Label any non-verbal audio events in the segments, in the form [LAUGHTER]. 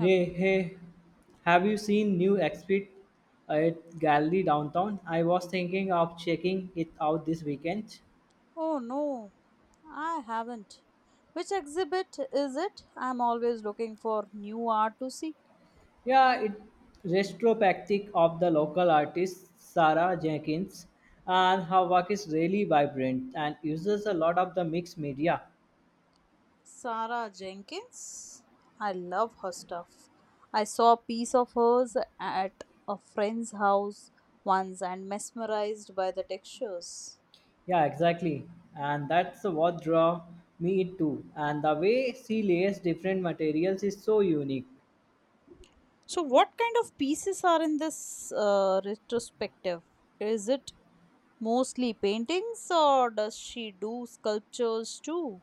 Okay. hey, have you seen new exhibit at Gallery Downtown? I was thinking of checking it out this weekend. Oh no, I haven't. Which exhibit is it? I'm always looking for new art to see. Yeah, it retrospective of the local artist Sarah Jenkins, and her work is really vibrant and uses a lot of the mixed media. Sarah Jenkins? I love her stuff. I saw a piece of hers at a friend's house once and mesmerized by the textures. Yeah, exactly, and that's what draw me it too. And the way she lays different materials is so unique. So, what kind of pieces are in this retrospective? Is it mostly paintings or does she do sculptures too?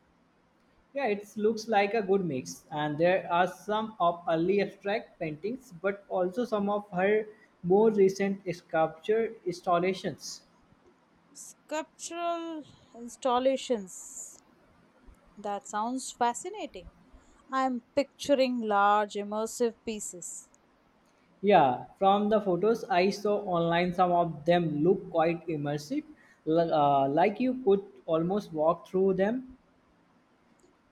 Yeah, it looks like a good mix, and there are some of early abstract paintings, but also some of her more recent sculpture installations. Sculptural installations. That sounds fascinating. I'm picturing large immersive pieces. Yeah, from the photos I saw online, some of them look quite immersive, like you could almost walk through them.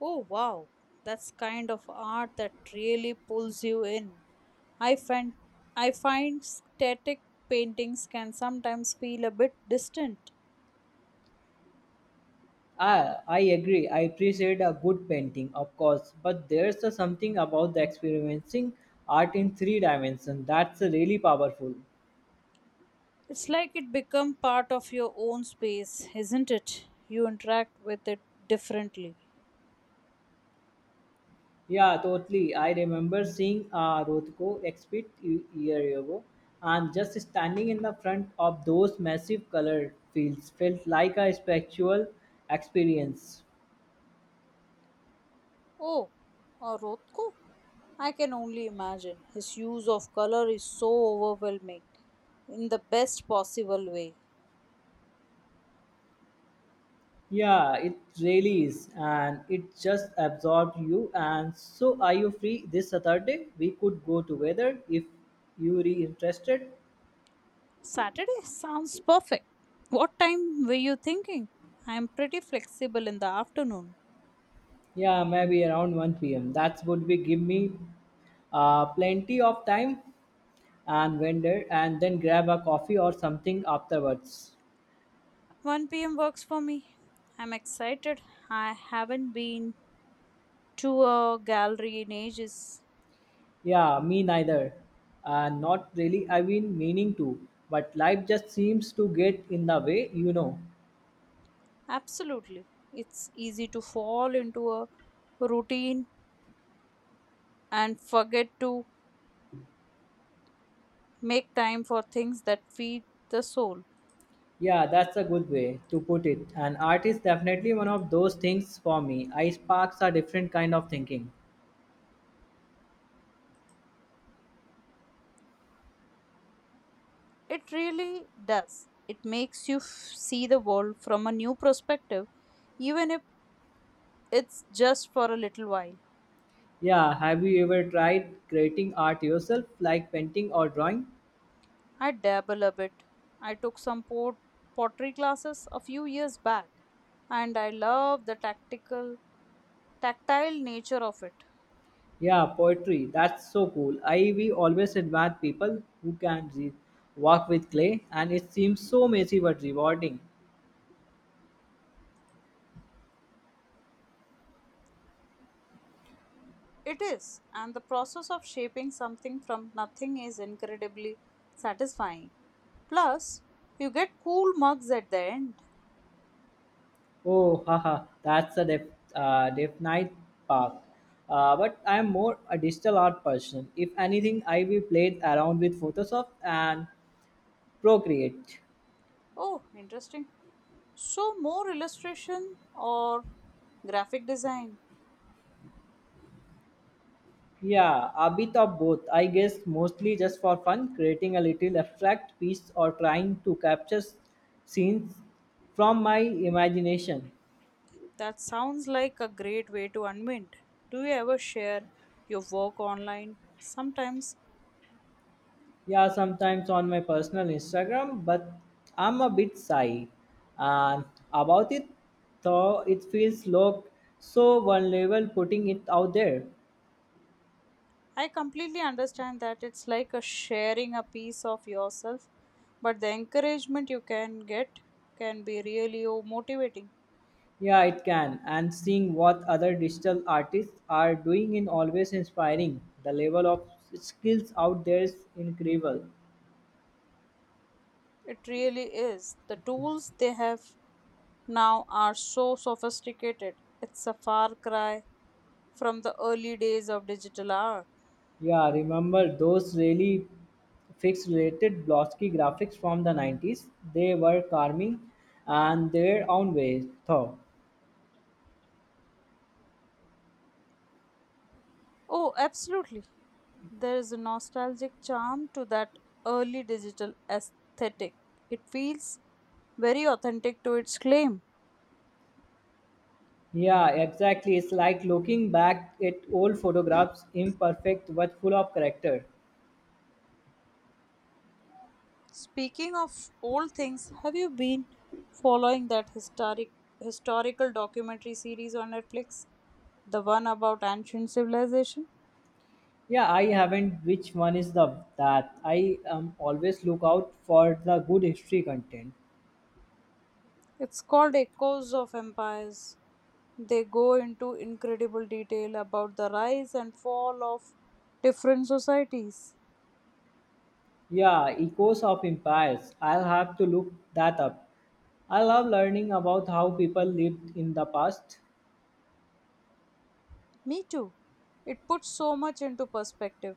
Oh wow, that's kind of art that really pulls you in. I find I find static paintings can sometimes feel a bit distant. I agree. I appreciate a good painting, of course, but there's a something about the experiencing art in three dimensions that's really powerful. It's like it become part of your own space, isn't it? You interact with it differently. Yeah, totally. I remember seeing Rothko exhibit a year ago, and just standing in the front of those massive color fields felt like a spiritual experience. Oh, a I can only imagine. His use of color is so overwhelming in the best possible way. Yeah, it really is, and it just absorbed you. And so, are you free this Saturday? We could go together if you are interested. Saturday sounds perfect. What time were you thinking? I am pretty flexible in the afternoon. Yeah, maybe around 1 p.m. That would be give me plenty of time and vendor and then grab a coffee or something afterwards. 1 p.m. works for me. I'm excited. I haven't been to a gallery in ages. Yeah, me neither. Not really. I've been meaning to, but life just seems to get in the way, Absolutely. It's easy to fall into a routine and forget to make time for things that feed the soul. Yeah, that's a good way to put it. And art is definitely one of those things for me. I sparks a different kind of thinking. It really does. It makes you see the world from a new perspective, even if it's just for a little while. Yeah, have you ever tried creating art yourself, like painting or drawing? I dabble a bit. I took some pottery classes a few years back, and I love the tactile nature of it. Yeah, poetry. That's so cool. I we always admire people who can work with clay, and it seems so messy but rewarding. It is, and the process of shaping something from nothing is incredibly satisfying. Plus, you get cool mugs at the end. Oh, haha, that's a definite path. But I am more a digital art person. If anything, I will play around with Photoshop and Procreate. Oh, interesting. So, more illustration or graphic design? Yeah, a bit of both. I guess mostly just for fun, creating a little abstract piece or trying to capture scenes from my imagination. That sounds like a great way to unwind. Do you ever share your work online? Sometimes Yeah, sometimes on my personal Instagram, but I'm a bit shy and about it, though it feels low, so vulnerable putting it out there. I completely understand that it's like a sharing a piece of yourself, but the encouragement you can get can be really oh, motivating. Yeah, it can, and seeing what other digital artists are doing is always inspiring. The level of skills out there is incredible. It really is. The tools they have now are so sophisticated. It's a far cry from the early days of digital art. Yeah, remember those really fixed related Blosky graphics from the 90s? They were charming and their own ways, though. Oh, absolutely. There is a nostalgic charm to that early digital aesthetic. It feels very authentic to its claim. Yeah, exactly. It's like looking back at old photographs, imperfect but full of character. Speaking of old things, have you been following that historical documentary series on Netflix? The one about ancient civilization? Yeah, I haven't. Which one is the that? I always look out for the good history content. It's called Echoes of Empires. They go into incredible detail about the rise and fall of different societies. Yeah, Echoes of Empires. I'll have to look that up. I love learning about how people lived in the past. Me too. It puts so much into perspective.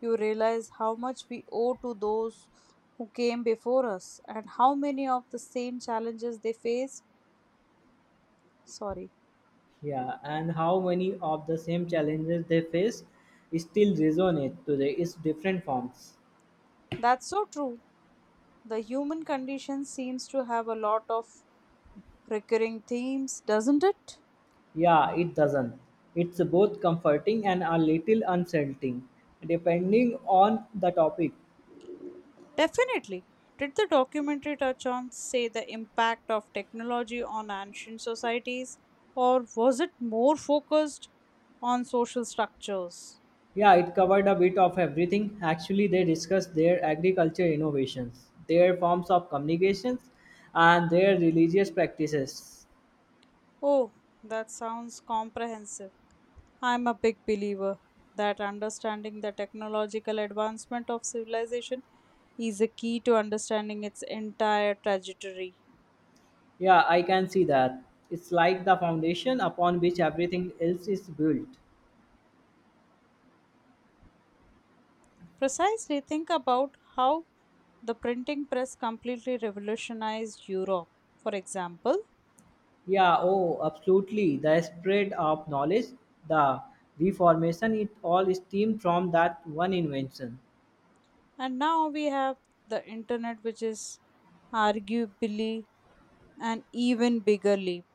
You realize how much we owe to those who came before us and how many of the same challenges they faced. Sorry. Yeah, and how many of the same challenges they face still resonate today in different forms. That's so true. The human condition seems to have a lot of recurring themes, doesn't it? Yeah, it doesn't. It's both comforting and a little unsettling, depending on the topic. Definitely. Did the documentary touch on, say, the impact of technology on ancient societies, or was it more focused on social structures? Yeah, it covered a bit of everything. Actually, they discussed their agriculture innovations, their forms of communications, and their religious practices. Oh, that sounds comprehensive. I'm a big believer that understanding the technological advancement of civilization is a key to understanding its entire trajectory. Yeah, I can see that. It's like the foundation upon which everything else is built. Precisely, think about how the printing press completely revolutionized Europe. For example, Yeah, oh, absolutely. The spread of knowledge, the reformation, it all stemmed from that one invention. and now we have the internet, which is arguably an even bigger leap.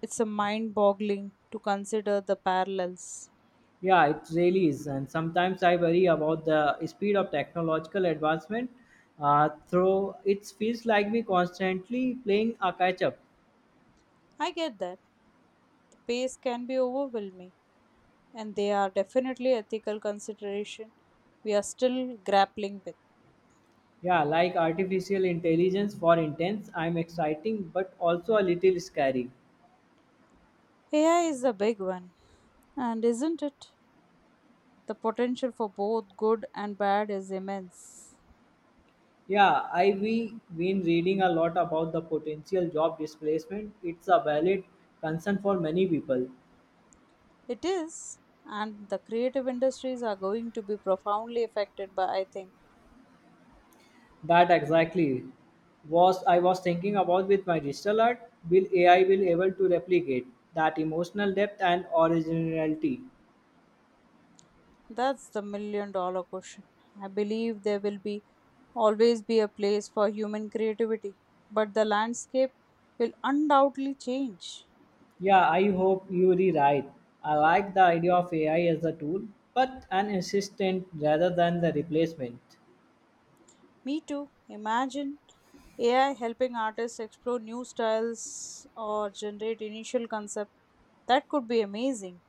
It's a mind boggling to consider the parallels. Yeah, it really is. And sometimes I worry about the speed of technological advancement. Through it feels like we constantly playing a catch up. I get that. The pace can be overwhelming, and there are definitely ethical considerations we are still grappling with. Yeah, like artificial intelligence for intense. I'm exciting, but also a little scary. AI is a big one, and isn't it? The potential for both good and bad is immense. Yeah, I we been reading a lot about the potential job displacement. It's a valid concern for many people. It is, and the creative industries are going to be profoundly affected by, I think. That exactly was I was thinking about with my digital art. Will AI will able to replicate that emotional depth and originality? That's the million dollar question. I believe there will be always be a place for human creativity, but the landscape will undoubtedly change. Yeah, I hope you are right. I like the idea of AI as a tool, but an assistant rather than the replacement. Me too. Imagine AI helping artists explore new styles or generate initial concept. That could be amazing.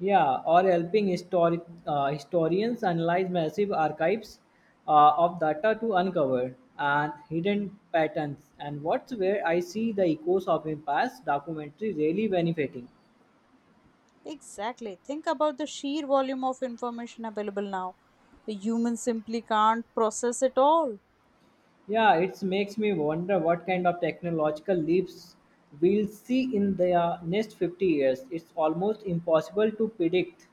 Yeah, or helping historians analyze massive archives of data to uncover and hidden patterns. And what's where I see the echoes of a past documentary really benefiting. Exactly. Think about the sheer volume of information available now. A human simply can't process it all. Yeah, it makes me wonder what kind of technological leaps we'll see in the next 50 years. It's almost impossible to predict.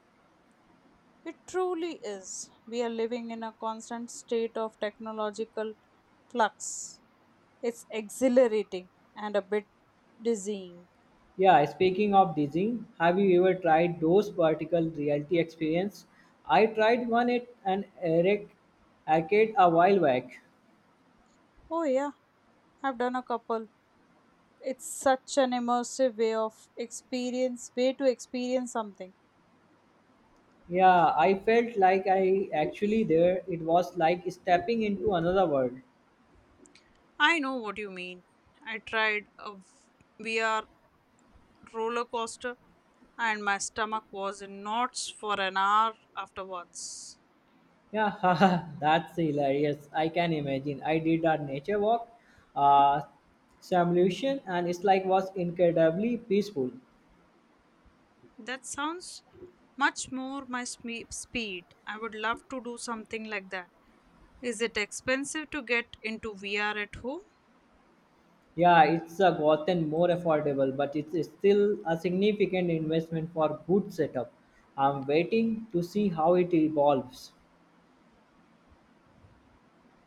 It truly is. We are living in a constant state of technological flux. It's exhilarating and a bit dizzying. Yeah, speaking of Disney, have you ever tried those vertical reality experience? I tried one at an Eric arcade a while back. Oh, yeah, I've done a couple. It's such an immersive way of experience, way to experience something. Yeah, I felt like I actually there. It was like stepping into another world. I know what you mean. I tried a VR roller coaster and my stomach was in knots for an hour afterwards. Yeah, [LAUGHS] that's hilarious. I can imagine. I did a nature walk, uh, simulation, and it's like was incredibly peaceful. That sounds much more my speed. I would love to do something like that. Is it expensive to get into VR at home? Yeah, it's gotten more affordable, but it's still a significant investment for good setup. I'm waiting to see how it evolves.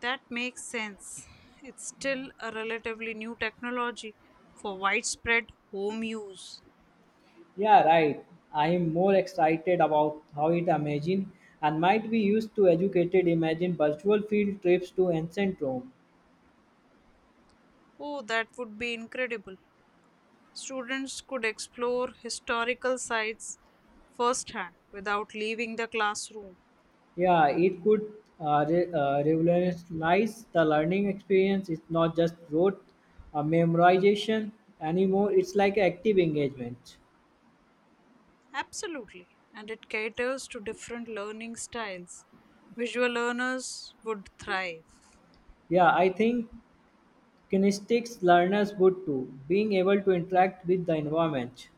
That makes sense. It's still a relatively new technology for widespread home use. Yeah, right. I am more excited about how it imagine and might be used to educated imagine virtual field trips to ancient Rome. Oh, that would be incredible. Students could explore historical sites firsthand without leaving the classroom. Yeah, it could revolutionize the learning experience. It's not just rote memorization anymore. It's like active engagement. Absolutely. And it caters to different learning styles. Visual learners would thrive. Yeah, I think kinesthetics learners would too, being able to interact with the environment.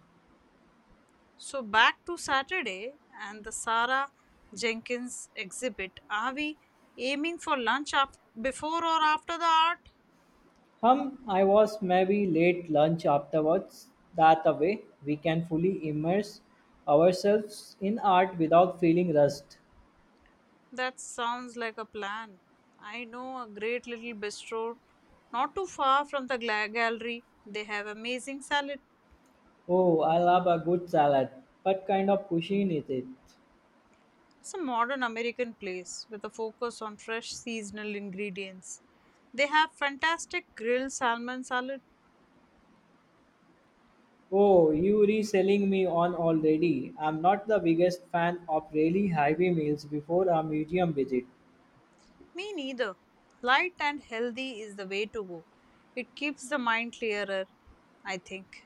So, back to Saturday and the Sarah Jenkins exhibit. Are we aiming for lunch before or after the art? I was maybe late lunch afterwards. That way, we can fully immerse ourselves in art without feeling rushed. That sounds like a plan. I know a great little bistro not too far from the gallery. They have amazing salad. Oh, I love a good salad. What kind of cuisine is it? It's a modern American place with a focus on fresh seasonal ingredients. They have fantastic grilled salmon salad. Oh, you reselling me on already. I'm not the biggest fan of really heavy meals before a museum visit. Me neither. Light and healthy is the way to go. It keeps the mind clearer, I think.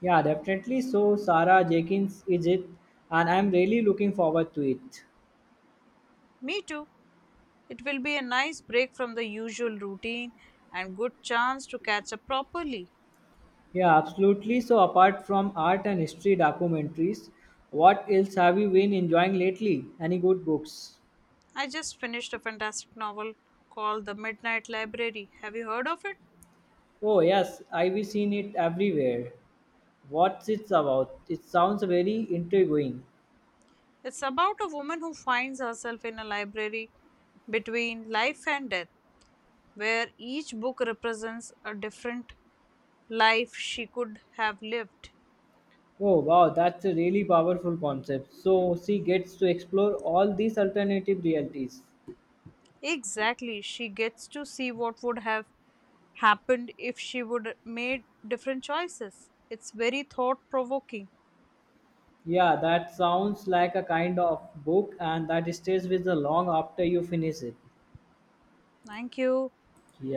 Yeah, definitely. So, Sarah Jenkins is it, and I'm really looking forward to it. Me too. It will be a nice break from the usual routine and good chance to catch up properly. Yeah, absolutely. So, apart from art and history documentaries, what else have you been enjoying lately? Any good books? I just finished a fantastic novel called The Midnight Library. Have you heard of it? Oh, yes, I've seen it everywhere. What's it about? It sounds very intriguing. It's about a woman who finds herself in a library between life and death, where each book represents a different life she could have lived. Oh wow, that's a really powerful concept. So she gets to explore all these alternative realities. Exactly, she gets to see what would have happened if she would made different choices. It's very thought provoking. Yeah, that sounds like a kind of book and that stays with the long after you finish it. Thank you. Yeah.